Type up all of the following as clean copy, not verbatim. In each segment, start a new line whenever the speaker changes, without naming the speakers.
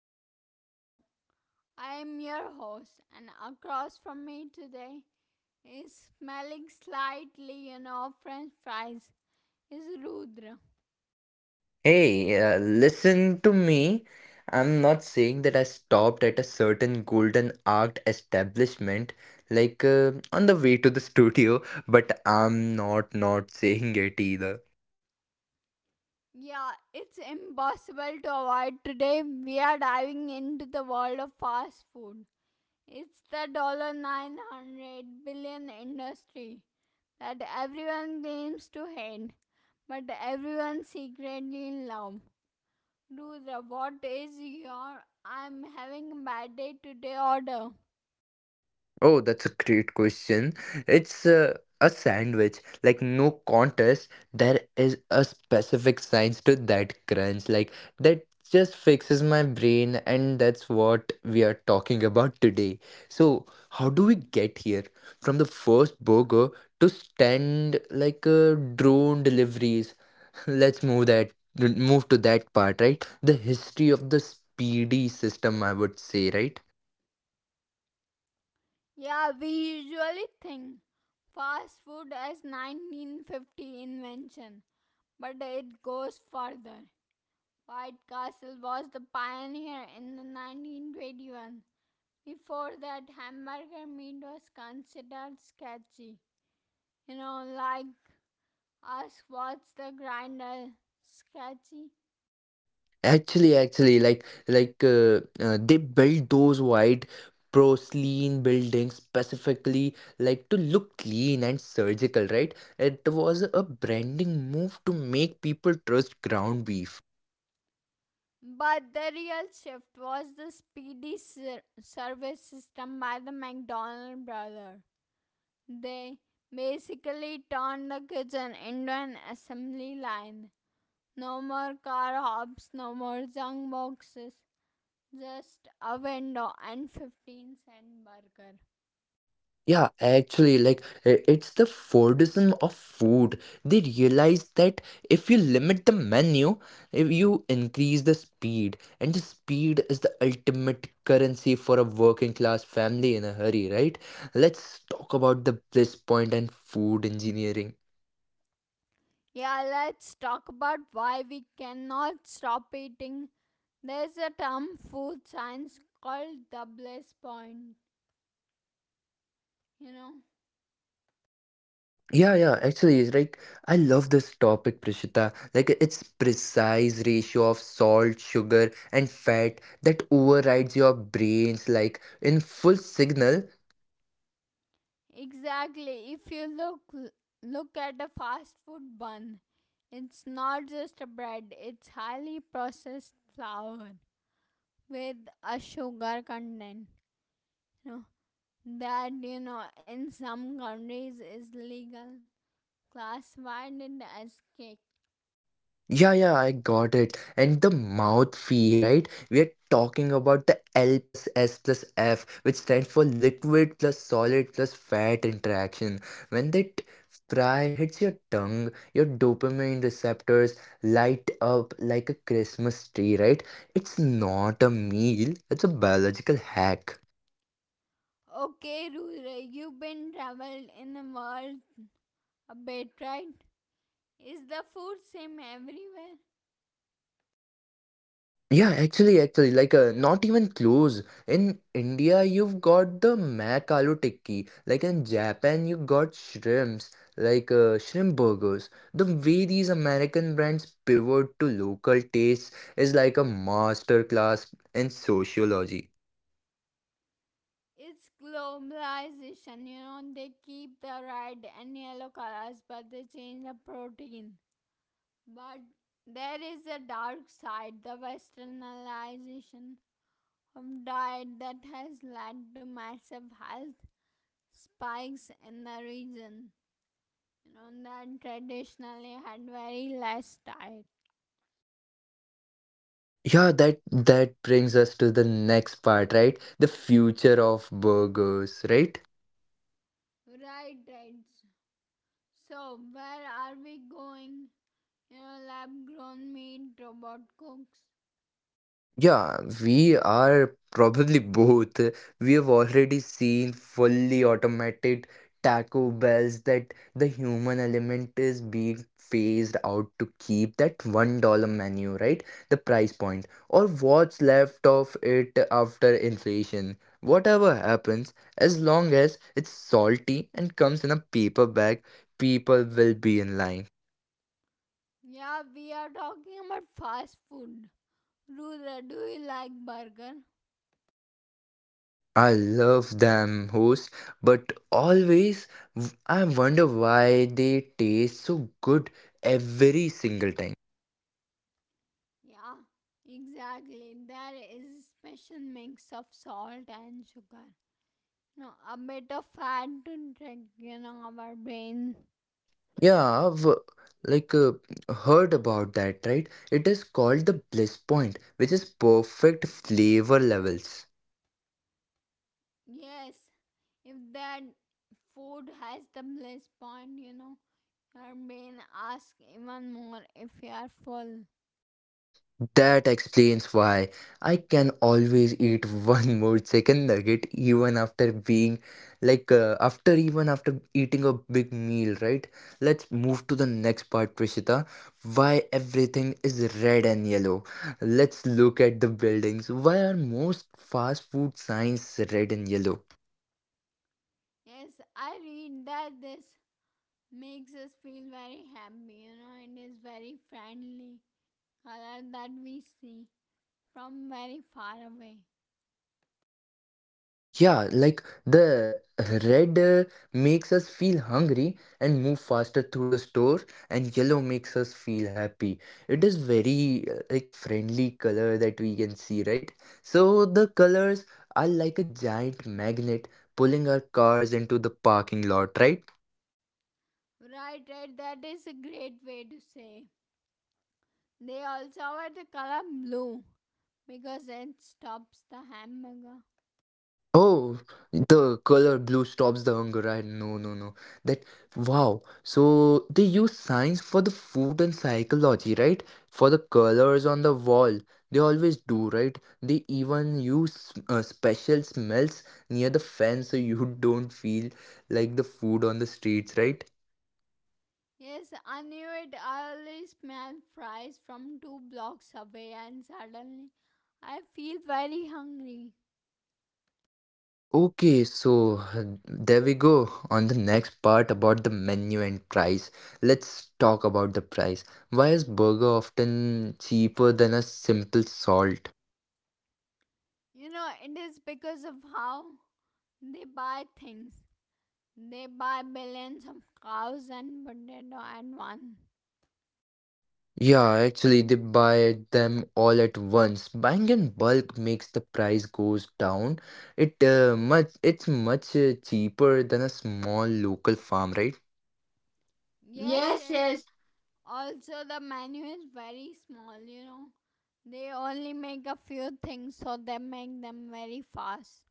back to the show. I am your host, and across from me today is smelling slightly, you know, French fries. Is Rudra.
Hey, listen to me. I'm not saying that I stopped at a certain golden arced establishment, on the way to the studio, but I'm not not saying it either.
Yeah, it's impossible to avoid. Today we are diving into the world of fast food. It's the dollar $900 billion industry that everyone claims to hate, but everyone secretly in love. Dude, what is your I'm having a bad day today order?
Oh, that's a great question. It's a sandwich, like no contest. There is a specific science to that crunch, like that just fixes my brain, and that's what we are talking about today. So, how do we get here from the first burger to stand drone deliveries? Let's move that Move to that part, right? The history of the speedy system, I would say, right?
Yeah, we usually think fast food as 1950 invention, but it goes further. White Castle was the pioneer in the 1921. Before that, hamburger meat was considered sketchy. You know, like ask what's the grinder sketchy?
Actually, they build those white porcelain buildings specifically like to look clean and surgical, right? It was a branding move to make people trust ground beef.
But the real shift was the speedy service system by the McDonald brothers. They basically turned the kitchen into an assembly line. No more car hops, no more junk boxes, just a window and 15¢ burger.
Yeah, actually, it's the Fordism of food. They realize that if you limit the menu, if you increase the speed, and the speed is the ultimate currency for a working class family in a hurry, right? Let's talk about the bliss point and food engineering.
Yeah, let's talk about why we cannot stop eating. There's a term food science called Douglas Point, you know.
Yeah, yeah, actually, it's like I love this topic, Prishita. Like its precise ratio of salt, sugar, and fat that overrides your brains like in full signal.
Exactly. If you look at a fast food bun, it's not just a bread, it's highly processed flour with a sugar content. You know, that you know in some countries is legal classified it as cake.
Yeah, yeah, I got it. And the mouth fee, right? We are talking about the L plus S plus F, which stands for liquid plus solid plus fat interaction. When that fry hits your tongue, your dopamine receptors light up like a Christmas tree, right? It's not a meal, it's a biological hack.
Okay, Rudra, you've been traveled in the world a bit, right? Is the food same everywhere?
Yeah, actually, not even close. In India, you've got the mac aloo tikki. Like in Japan, you got shrimps, shrimp burgers. The way these American brands pivot to local tastes is like a masterclass in sociology.
It's globalization, you know, they keep the red and yellow colors but they change the protein. But there is a dark side, the westernization of diet that has led to massive health spikes in the region. You know, that traditionally had very less diet.
Yeah, that brings us to the next part, right? The future of burgers, right?
Right, right. So, where are we going? You know, lab grown meat, robot cooks.
Yeah, we are probably both. We have already seen fully automated Taco Bells that the human element is being phased out to keep that $1 menu, right? The price point, or what's left of it after inflation. Whatever happens, as long as it's salty and comes in a paper bag, people will be in line.
Yeah, we are talking about fast food. Rula, do you like burger?
I love them host, but always I wonder why they taste so good every single time.
Yeah, exactly. There is a special mix of salt and sugar. No, a bit of fat to trick, you know, our brain.
Yeah, I've like uh, heard about that, right? It is called the bliss point, which is perfect flavor levels.
Yes, if that food has the bliss point, you know, your brain asks even more if you are full.
That explains why I can always eat one more chicken nugget even after being like after even after eating a big meal, right? Let's move to the next part, Prishita. Why everything is red and yellow. Let's look at the buildings. Why are most fast food signs red and yellow?
Yes, I read that this makes us feel very happy, you know, it is very friendly color that we see from very far away.
Yeah, like the red makes us feel hungry and move faster through the store, and yellow makes us feel happy. It is very like friendly color that we can see, right? So the colors are like a giant magnet pulling our cars into the parking lot, right?
Right, right, that is a great way to say. They also have the color blue because it stops the hamburger.
Oh, the color blue stops the hunger. I no no no. That wow. So they use science for the food and psychology, right? For the colors on the wall. They always do, right? They even use special smells near the fence so you don't feel like the food on the streets, right?
Yes, I knew it. I only smell fries from two blocks away, and suddenly I feel very hungry.
Okay, so there we go on the next part about the menu and price. Let's talk about the price. Why is burger often cheaper than a simple salt?
You know, it is because of how they buy things. They buy billions of cows and potato at once.
Yeah, actually they buy them all at once. Buying in bulk makes the price goes down. It much it's much cheaper than a small local farm, right?
Yes,
Yes,
yes.
yes.
Also, the menu is very small, you know. They only make a few things, so they make them very fast.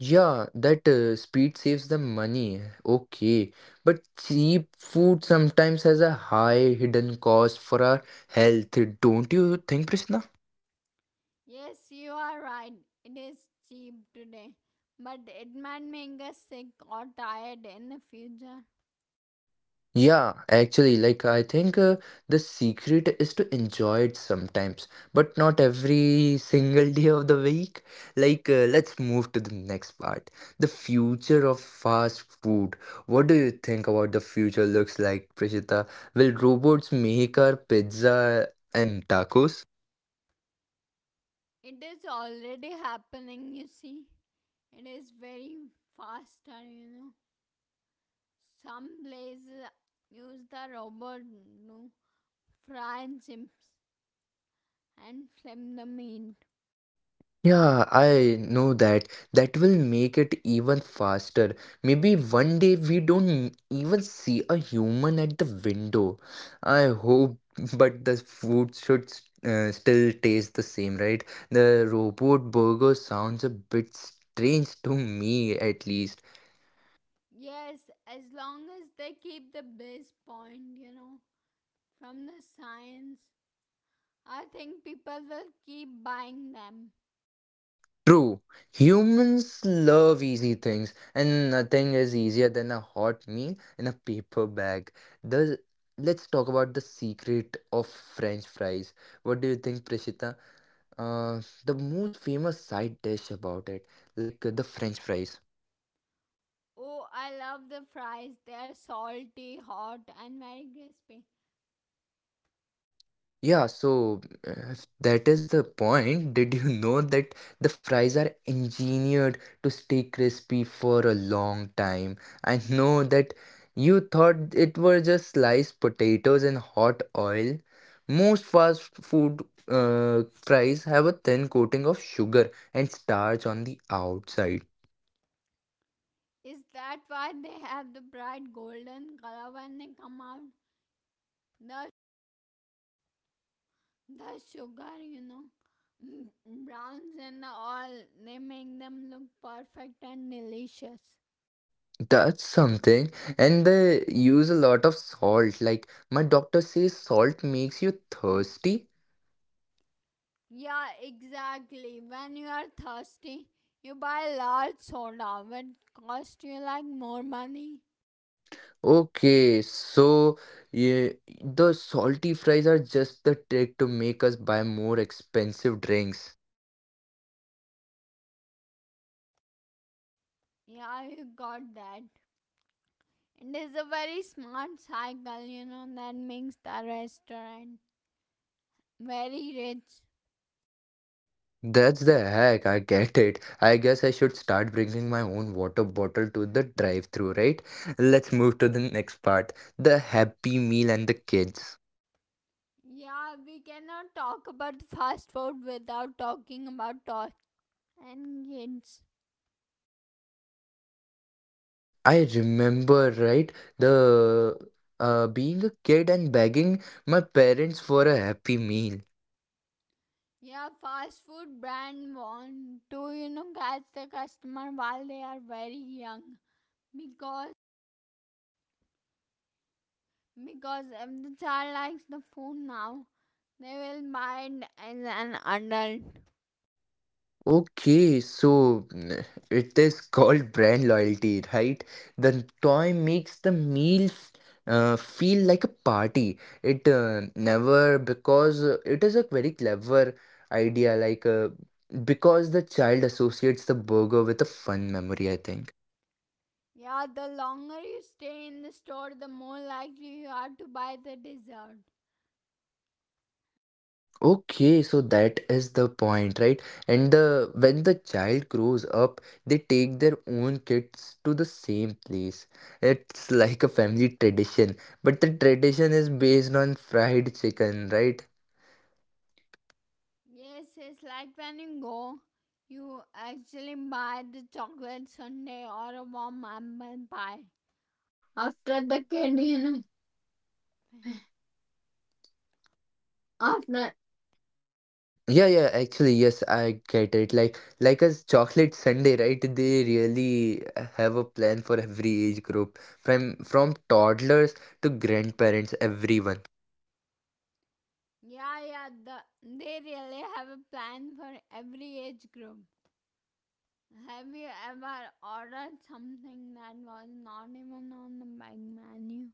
Yeah, that speed saves them money. Okay. But cheap food sometimes has a high hidden cost for our health, don't you think, Prishna?
Yes, you are right. It is cheap today, but it might make us sick or tired in the future.
Yeah, actually, like I think the secret is to enjoy it sometimes, but not every single day of the week. Like, let's move to the next part. The future of fast food. What do you think about the future looks like, Prishita? Will robots make our pizza and tacos?
It is already happening, you see. It is very faster, you know. Some places use the robot to fry chips and flip the meat.
Yeah, I know that. That will make it even faster. Maybe one day we don't even see a human at the window. I hope, but the food should still taste the same, right? The robot burger sounds a bit strange to me, at least.
Yes, as long as they keep the base point, you know, from the science, I think people will keep buying them.
True, humans love easy things, and nothing is easier than a hot meal in a paper bag. The let's talk about the secret of French fries. What do you think, Prishita? The most famous side dish about it, the French fries.
Oh, I love the fries. They are salty, hot, and very crispy.
Yeah, so if that is the point. Did you know that the fries are engineered to stay crispy for a long time? I know that you thought it were just sliced potatoes in hot oil. Most fast food fries have a thin coating of sugar and starch on the outside.
Is that why they have the bright golden color when they come out? The, the sugar, you know, mm, browns and all, they make them look perfect and delicious.
That's something, and they use a lot of salt. Like my doctor says, salt makes you thirsty.
Yeah, exactly. When you are thirsty, you buy large soda, which cost you like more money.
Okay, so yeah, the salty fries are just the trick to make us buy more expensive drinks.
Yeah, you got that. It is a very smart cycle, you know, that makes the restaurant very rich.
That's the hack, I get it. I guess I should start bringing my own water bottle to the drive-through, right? Let's move to the next part, the happy meal and the kids.
Yeah, we cannot talk about fast food without talking about toys and kids.
I remember, right, the being a kid and begging my parents for a happy meal.
Yeah, fast food brand want to, you know, catch the customer while they are very young because. Because if the child likes the phone now, they will buy it as an adult.
Okay, so mm, it is called brand loyalty, right? The toy makes the meal feel like a party. It never, because it is a very clever idea, because the child associates the burger with a fun memory, I think.
Yeah, the longer you stay in the store, the more likely you are to buy the dessert.
Okay, so that is the point, right? And the when the child grows up, they take their own kids to the same place. It's like a family tradition, but the tradition is based on fried chicken, right?
Yes, it's like when you go, you actually buy the chocolate sundae or a warm apple pie.
After the kid,
You
you
know.
know, after. Yeah, yeah, actually, yes, I get it. Like a chocolate sundae, right? They really have a plan for every age group, from from toddlers to grandparents, everyone.
Yeah, yeah, they really have a plan for every age group. Have you ever ordered something that was not even on the big menu?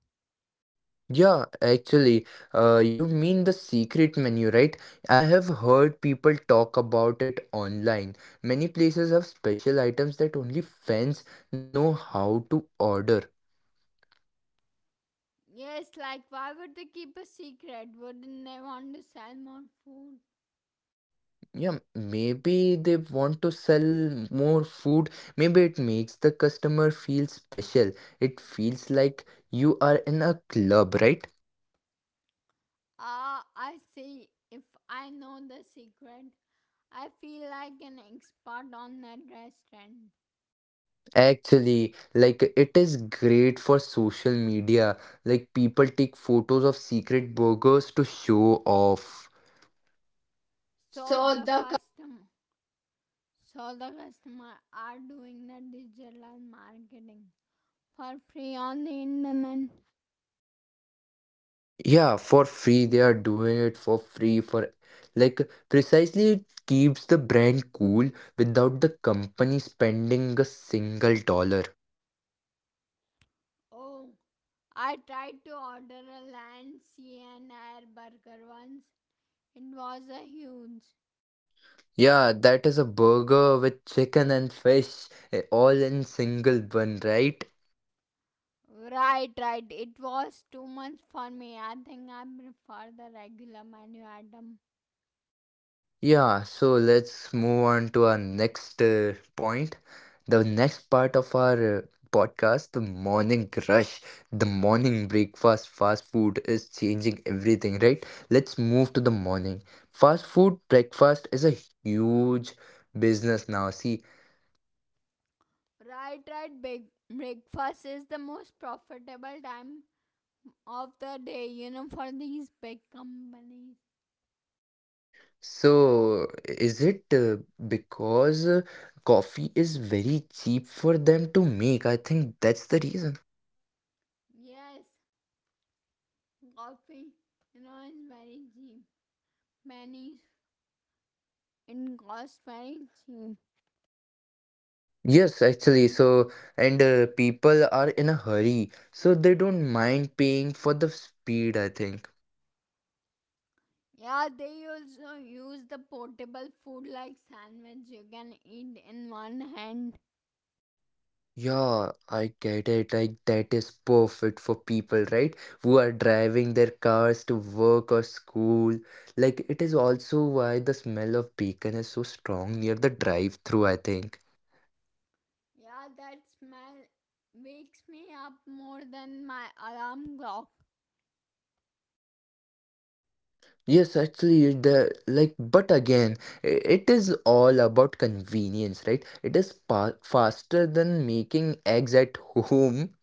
Yeah, actually, you mean the secret menu, right? I have heard people talk about it online. Many places have special items that only fans know how to order.
Yes, like why would they keep a secret? Wouldn't they want to sell more food?
Yeah, maybe they want to sell more food. Maybe it makes the customer feel special. It feels like you are in a club, right?
Ah, I see. If I know the secret, I feel like an expert on that restaurant.
Actually, like it is great for social media. Like people take photos of secret burgers to show off.
So
So
the
the co-
customer, so the customer are doing the digital marketing for free on the internet.
Yeah, for free. They are doing it for free for like precisely it keeps the brand cool without the company spending a single dollar.
Oh, I tried to order a land, sea, and air burger once. It was a huge.
Yeah, that is a burger with chicken and fish eh, all in single bun, right?
Right, right. It was too much for me. I think I prefer the regular menu item.
Yeah, so let's move on to our next point. The next part of our podcast, the morning rush, the morning breakfast, fast food is changing everything, right? Let's move to the morning. Fast food breakfast is a huge business now. See,
Right, right. Big breakfast is the most profitable time of the day, you know, for these big companies.
so is it because coffee is very cheap for them to make? I think that's the reason.
Yes, coffee, you know, is very cheap. Pennies, it costs very cheap.
Yes, actually, so and people are in a hurry, so they don't mind paying for the speed, I think.
Yeah, they also use the portable food like sandwich you can eat in one hand.
Yeah, I get it. Like, that is perfect for people, right? Who are driving their cars to work or school. Like, it is also why the smell of bacon is so strong near the drive-through, I think.
Yeah, that smell wakes me up more than my alarm clock.
Yes, actually, the like, but again, it is all about convenience, right? It is pa faster than making eggs at home.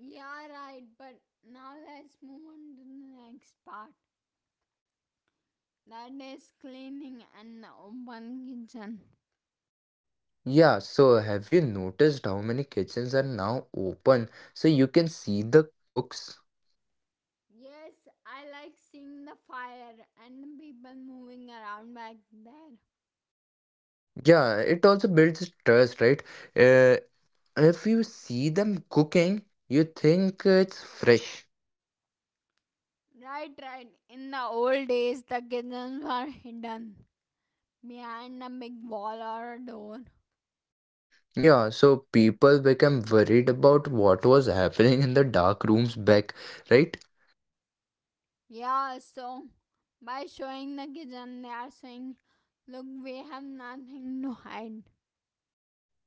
Yeah, right, but now let's move on to the next part. That is cleaning and the open kitchen.
Yeah, so have you noticed how many kitchens are now open so you can see the cooks?
Yes, I like seeing the fire and the people moving around back there.
Yeah, it also builds trust, right? Uh, if you see them cooking, you think it's fresh.
Right, right. In the old days, the kitchens were hidden behind the big wall baller door.
Yeah, so people become worried about what was happening in the dark rooms back, right?
Yeah, so by showing the kitchen, they are saying, "Look, we have nothing to hide."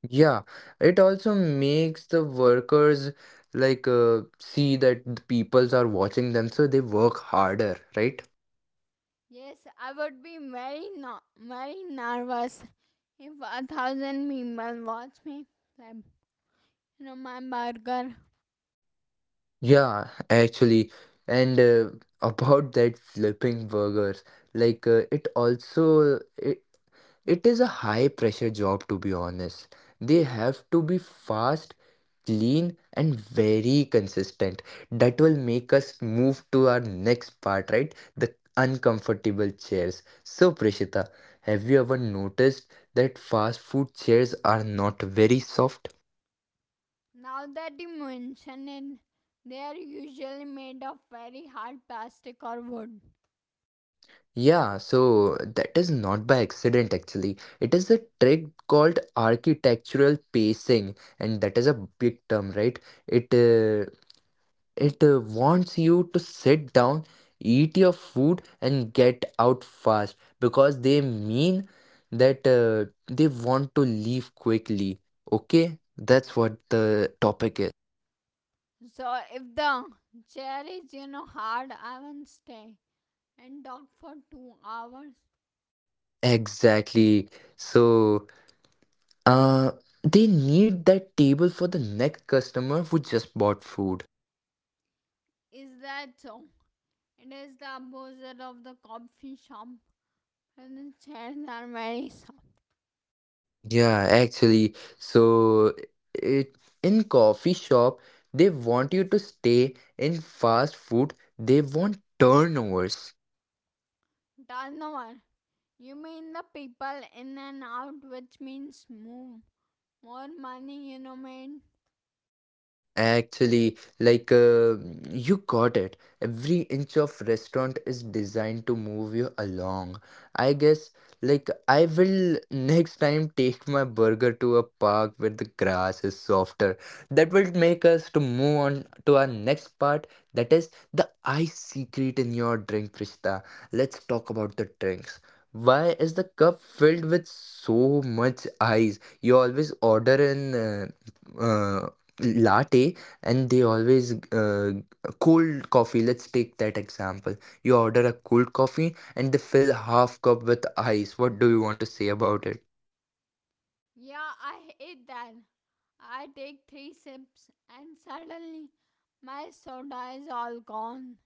Yeah, it also makes the workers see that the peoples are watching them, so they work harder, right?
Yes, I would be very, very nervous if 1,000 people watch me flip, you know, my burger.
Yeah, actually, and about that flipping burgers, it also it is a high pressure job to be honest. They have to be fast, clean, and very consistent. That will make us move to our next part, right? The uncomfortable chairs. So, Prishita, have you ever noticed that fast food chairs are not very soft?
Now that you mention it, they are usually made of very hard plastic or wood.
Yeah, so that is not by accident actually. It is a trick called architectural pacing, and that is a big term, right? It uh, it wants you to sit down, eat your food, and get out fast because they mean that they want to leave quickly. Okay, that's what the topic is.
So if the chair is, you know, hard, I won't stay and talk for 2 hours.
Exactly. So. Uh, they need that table for the next customer who just bought food.
Is that so? It is the opposite of the coffee shop, and the chairs are very soft.
Yeah, actually, so it in coffee shop they want you to stay in fast food. They want turnovers.
Turnover. You mean the people in and out, which means move. More money, you know, man.
Actually, you got it. Every inch of restaurant is designed to move you along. I guess, like, I will next time take my burger to a park where the grass is softer. That will make us to move on to our next part. That is the ice secret in your drink, Prishta. Let's talk about the drinks. Why is the cup filled with so much ice? You always order in. Uh, uh, latte, and they always cold coffee, let's take that example. You order a cold coffee and they fill half cup with ice. What do you want to say about it?
Yeah, I hate that. I take three sips, and suddenly my soda is all gone.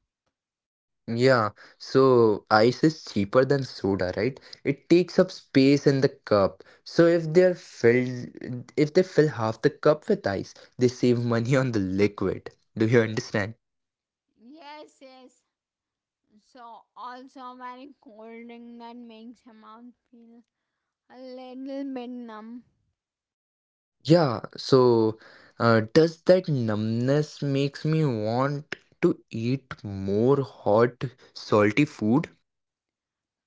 Yeah, so ice is cheaper than soda, right? It takes up space in the cup, so if they're filled if they fill half the cup with ice they save money on the liquid. Do you understand?
Yes, yes. So, also very cold thing that makes your mouth feel a little bit numb.
Yeah, so does that numbness makes me want to eat more hot, salty food?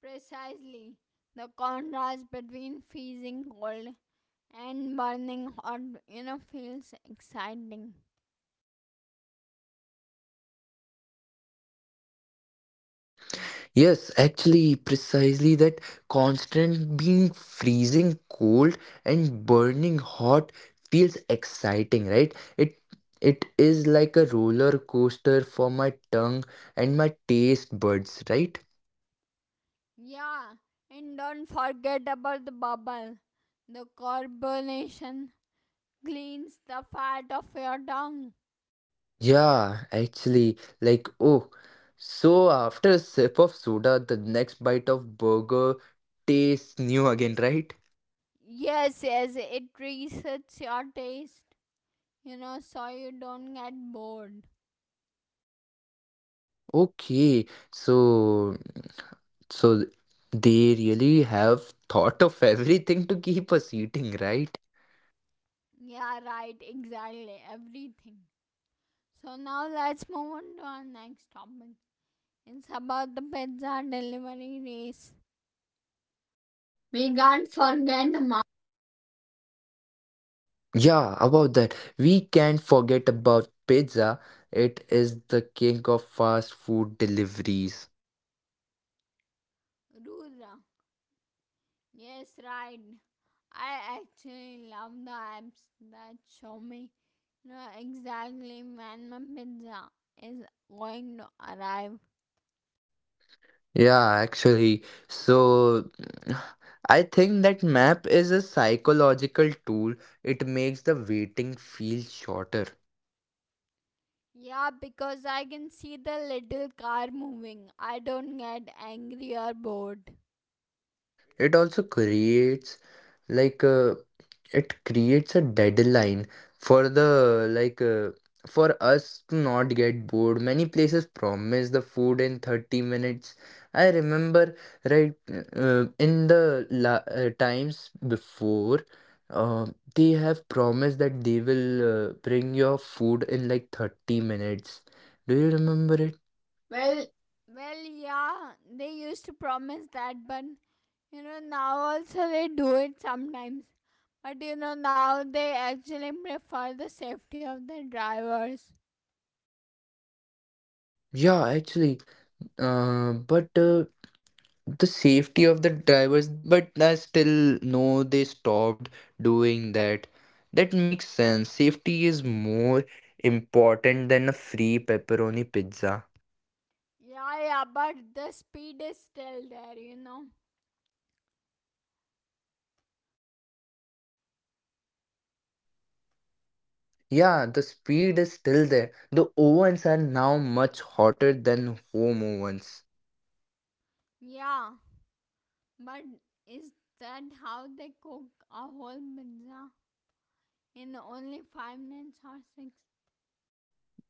Precisely. The contrast between freezing cold and burning hot, you know, feels exciting.
Yes, actually, precisely that constant being freezing cold and burning hot feels exciting, right? It is like a roller coaster for my tongue and my taste buds, right?
Yeah, and don't forget about the bubble. The carbonation cleans the fat of your tongue.
Yeah, actually, like, oh, so after a sip of soda, the next bite of burger tastes new again, right?
Yes, yes, it resets your taste, you know, so you don't get bored.
Okay, so they really have thought of everything to keep us eating, right?
Yeah, right, exactly, everything. So now let's move on to our next topic. It's about the pizza delivery race.
We can't forget the mountain. Yeah, about that. We can't forget about pizza. It is the king of fast food deliveries.
Rudra. Yes, right. I actually love the apps that show me, you know, exactly when my pizza is going to arrive.
Yeah, actually. So I think that map is a psychological tool. It makes the waiting feel shorter.
Yeah, because I can see the little car moving. I don't get angry or bored.
It also creates like uh, it creates a deadline for the like for us to not get bored. Many places promise the food in 30 minutes. I remember, right, times before uh, they have promised that they will bring your food in like 30 minutes. Do you remember it?
Well,
Well,
well, yeah, they used to promise that, but you know, now also they do it sometimes. But you know, now they actually prefer the safety of the drivers.
yeah, actually. But The safety of the drivers, but I still know they stopped doing that. That makes sense. Safety is more important than a free pepperoni pizza.
Yeah, yeah, but the speed is still there, you know.
Yeah, the speed is still there. The ovens are now much hotter than home ovens.
Yeah, but is that how they cook a whole pizza in only 5 minutes or 6?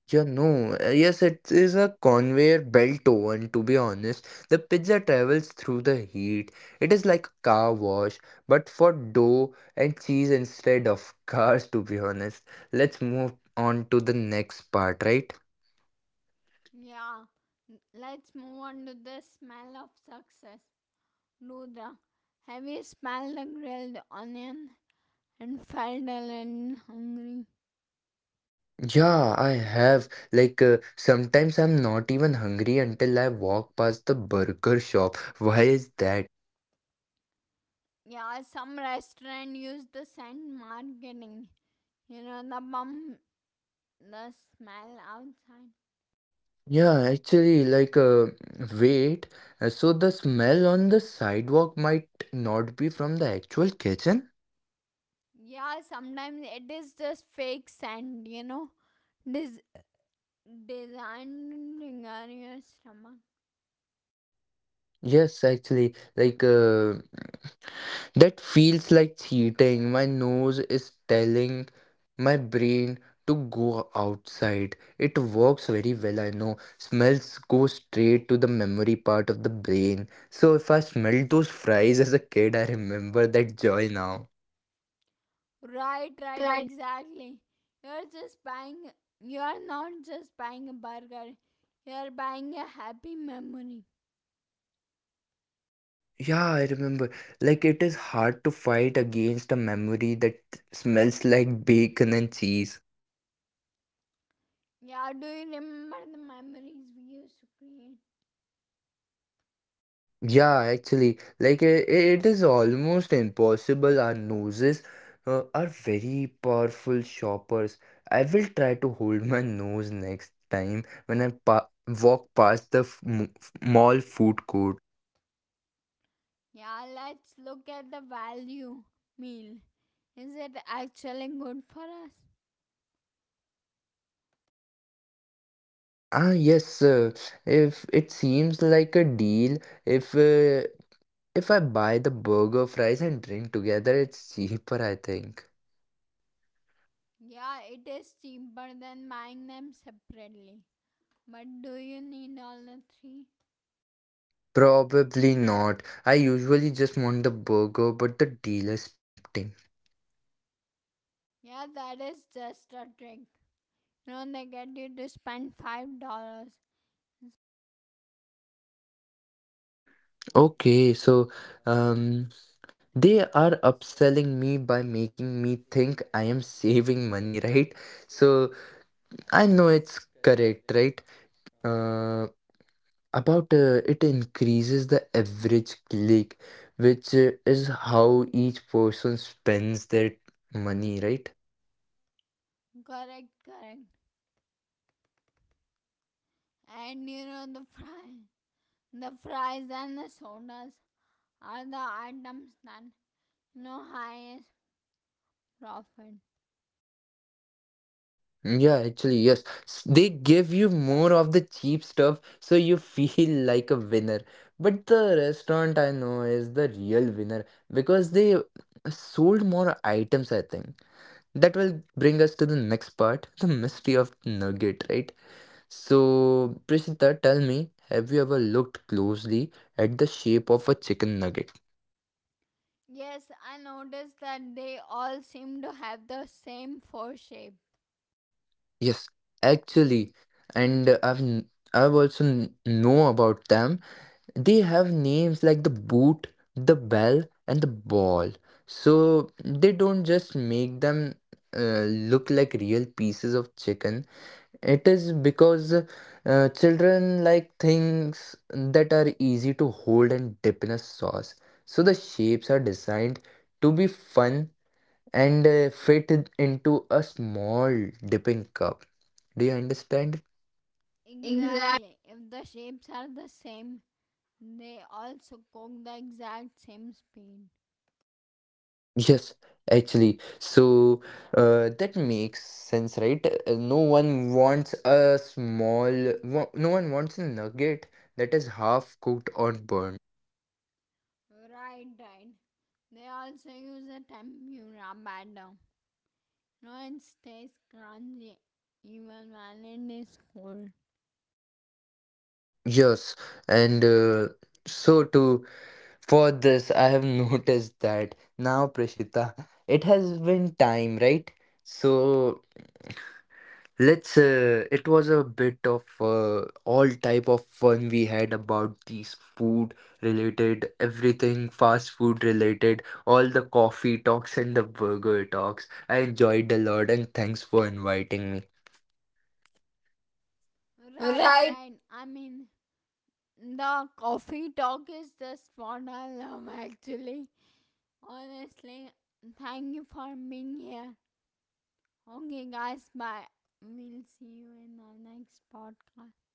Yeah, no. Yes, it is a conveyor belt oven, to be honest. The pizza travels through the heat. It is like a car wash, but for dough and cheese instead of cars, to be honest. Let's move on to the next part, right?
Yeah, let's move on to the smell of success. Rudra, have you smelled the grilled onion and felt a little hungry?
Yeah, I have. Like, sometimes I'm not even hungry until I walk past the burger shop. Why is that?
Yeah, some restaurant use the scent marketing, you know, the bum, the smell outside.
Yeah, actually, wait, so the smell on the sidewalk might not be from the actual kitchen?
Yeah, sometimes it is just fake sand, you know, this designed on your stomach.
Yes, actually, that feels like cheating. My nose is telling my brain to go outside. It works very well, I know. Smells go straight to the memory part of the brain. So if I smelled those fries as a kid, I remember that joy now.
Right,
I
right,
tried.
exactly. You're just buying, you're not just buying a burger, you're buying a happy memory.
Yeah, I remember. Like, it is hard to fight against a memory that smells like bacon and cheese.
Yeah, do you remember the memories we used to create?
Yeah, actually, like, it is almost impossible. Our noses are very powerful shoppers. I will try to hold my nose next time when I pa walk past the f m f mall food court.
Yeah, let's look at the value meal. Is it actually good for us?
Ah, yes, if it seems like a deal, if uh, if I buy the burger, fries, and drink together, it's cheaper, I think.
Yeah, it is cheaper than buying them separately. But do you need all the three?
Probably not. I usually just want the burger, but the deal is tempting.
Yeah, that is just a trick. You know, they get you to spend $5.
Okay, so, um, they are upselling me by making me think I am saving money, right? So I know it's correct, right? Uh, about it increases the average click, which is how each person spends their money, right?
Correct, correct. And you know the fry the fries and the sodas are the items that, you know, highest profit.
Yeah, actually, yes. They give you more of the cheap stuff so you feel like a winner. But the restaurant I know is the real winner because they sold more items, I think. That will bring us to the next part, the mystery of nugget, right? So, Prishita, tell me, have you ever looked closely at the shape of a chicken nugget?
Yes, I noticed that they all seem to have the same four shape.
Yes, actually, and I've also know about them. They have names like the boot, the bell, and the ball. So they don't just make them uh, look like real pieces of chicken. It is because children like things that are easy to hold and dip in a sauce. So the shapes are designed to be fun and fit into a small dipping cup. Do you understand? Exactly.
Exactly. If the shapes are the same, they also cook the exact same speed.
Yes, actually. So that makes sense, right? No one wants a small, wa- no one wants a nugget that is half cooked or burned.
Right, right. They also use a tempura batter. No, it stays crunchy even when it is cold.
Yes, and so too for this, I have noticed that now, Prashita, it has been time, right? So, Let's it was a bit of all type of fun we had about these food related, everything fast food related, all the coffee talks and the burger talks. I enjoyed a lot and thanks for inviting me.
Right,
Right.
right. I mean, the coffee talk is just what I love actually. Honestly, thank you for being here. Okay, guys, bye. We'll see you in our next podcast.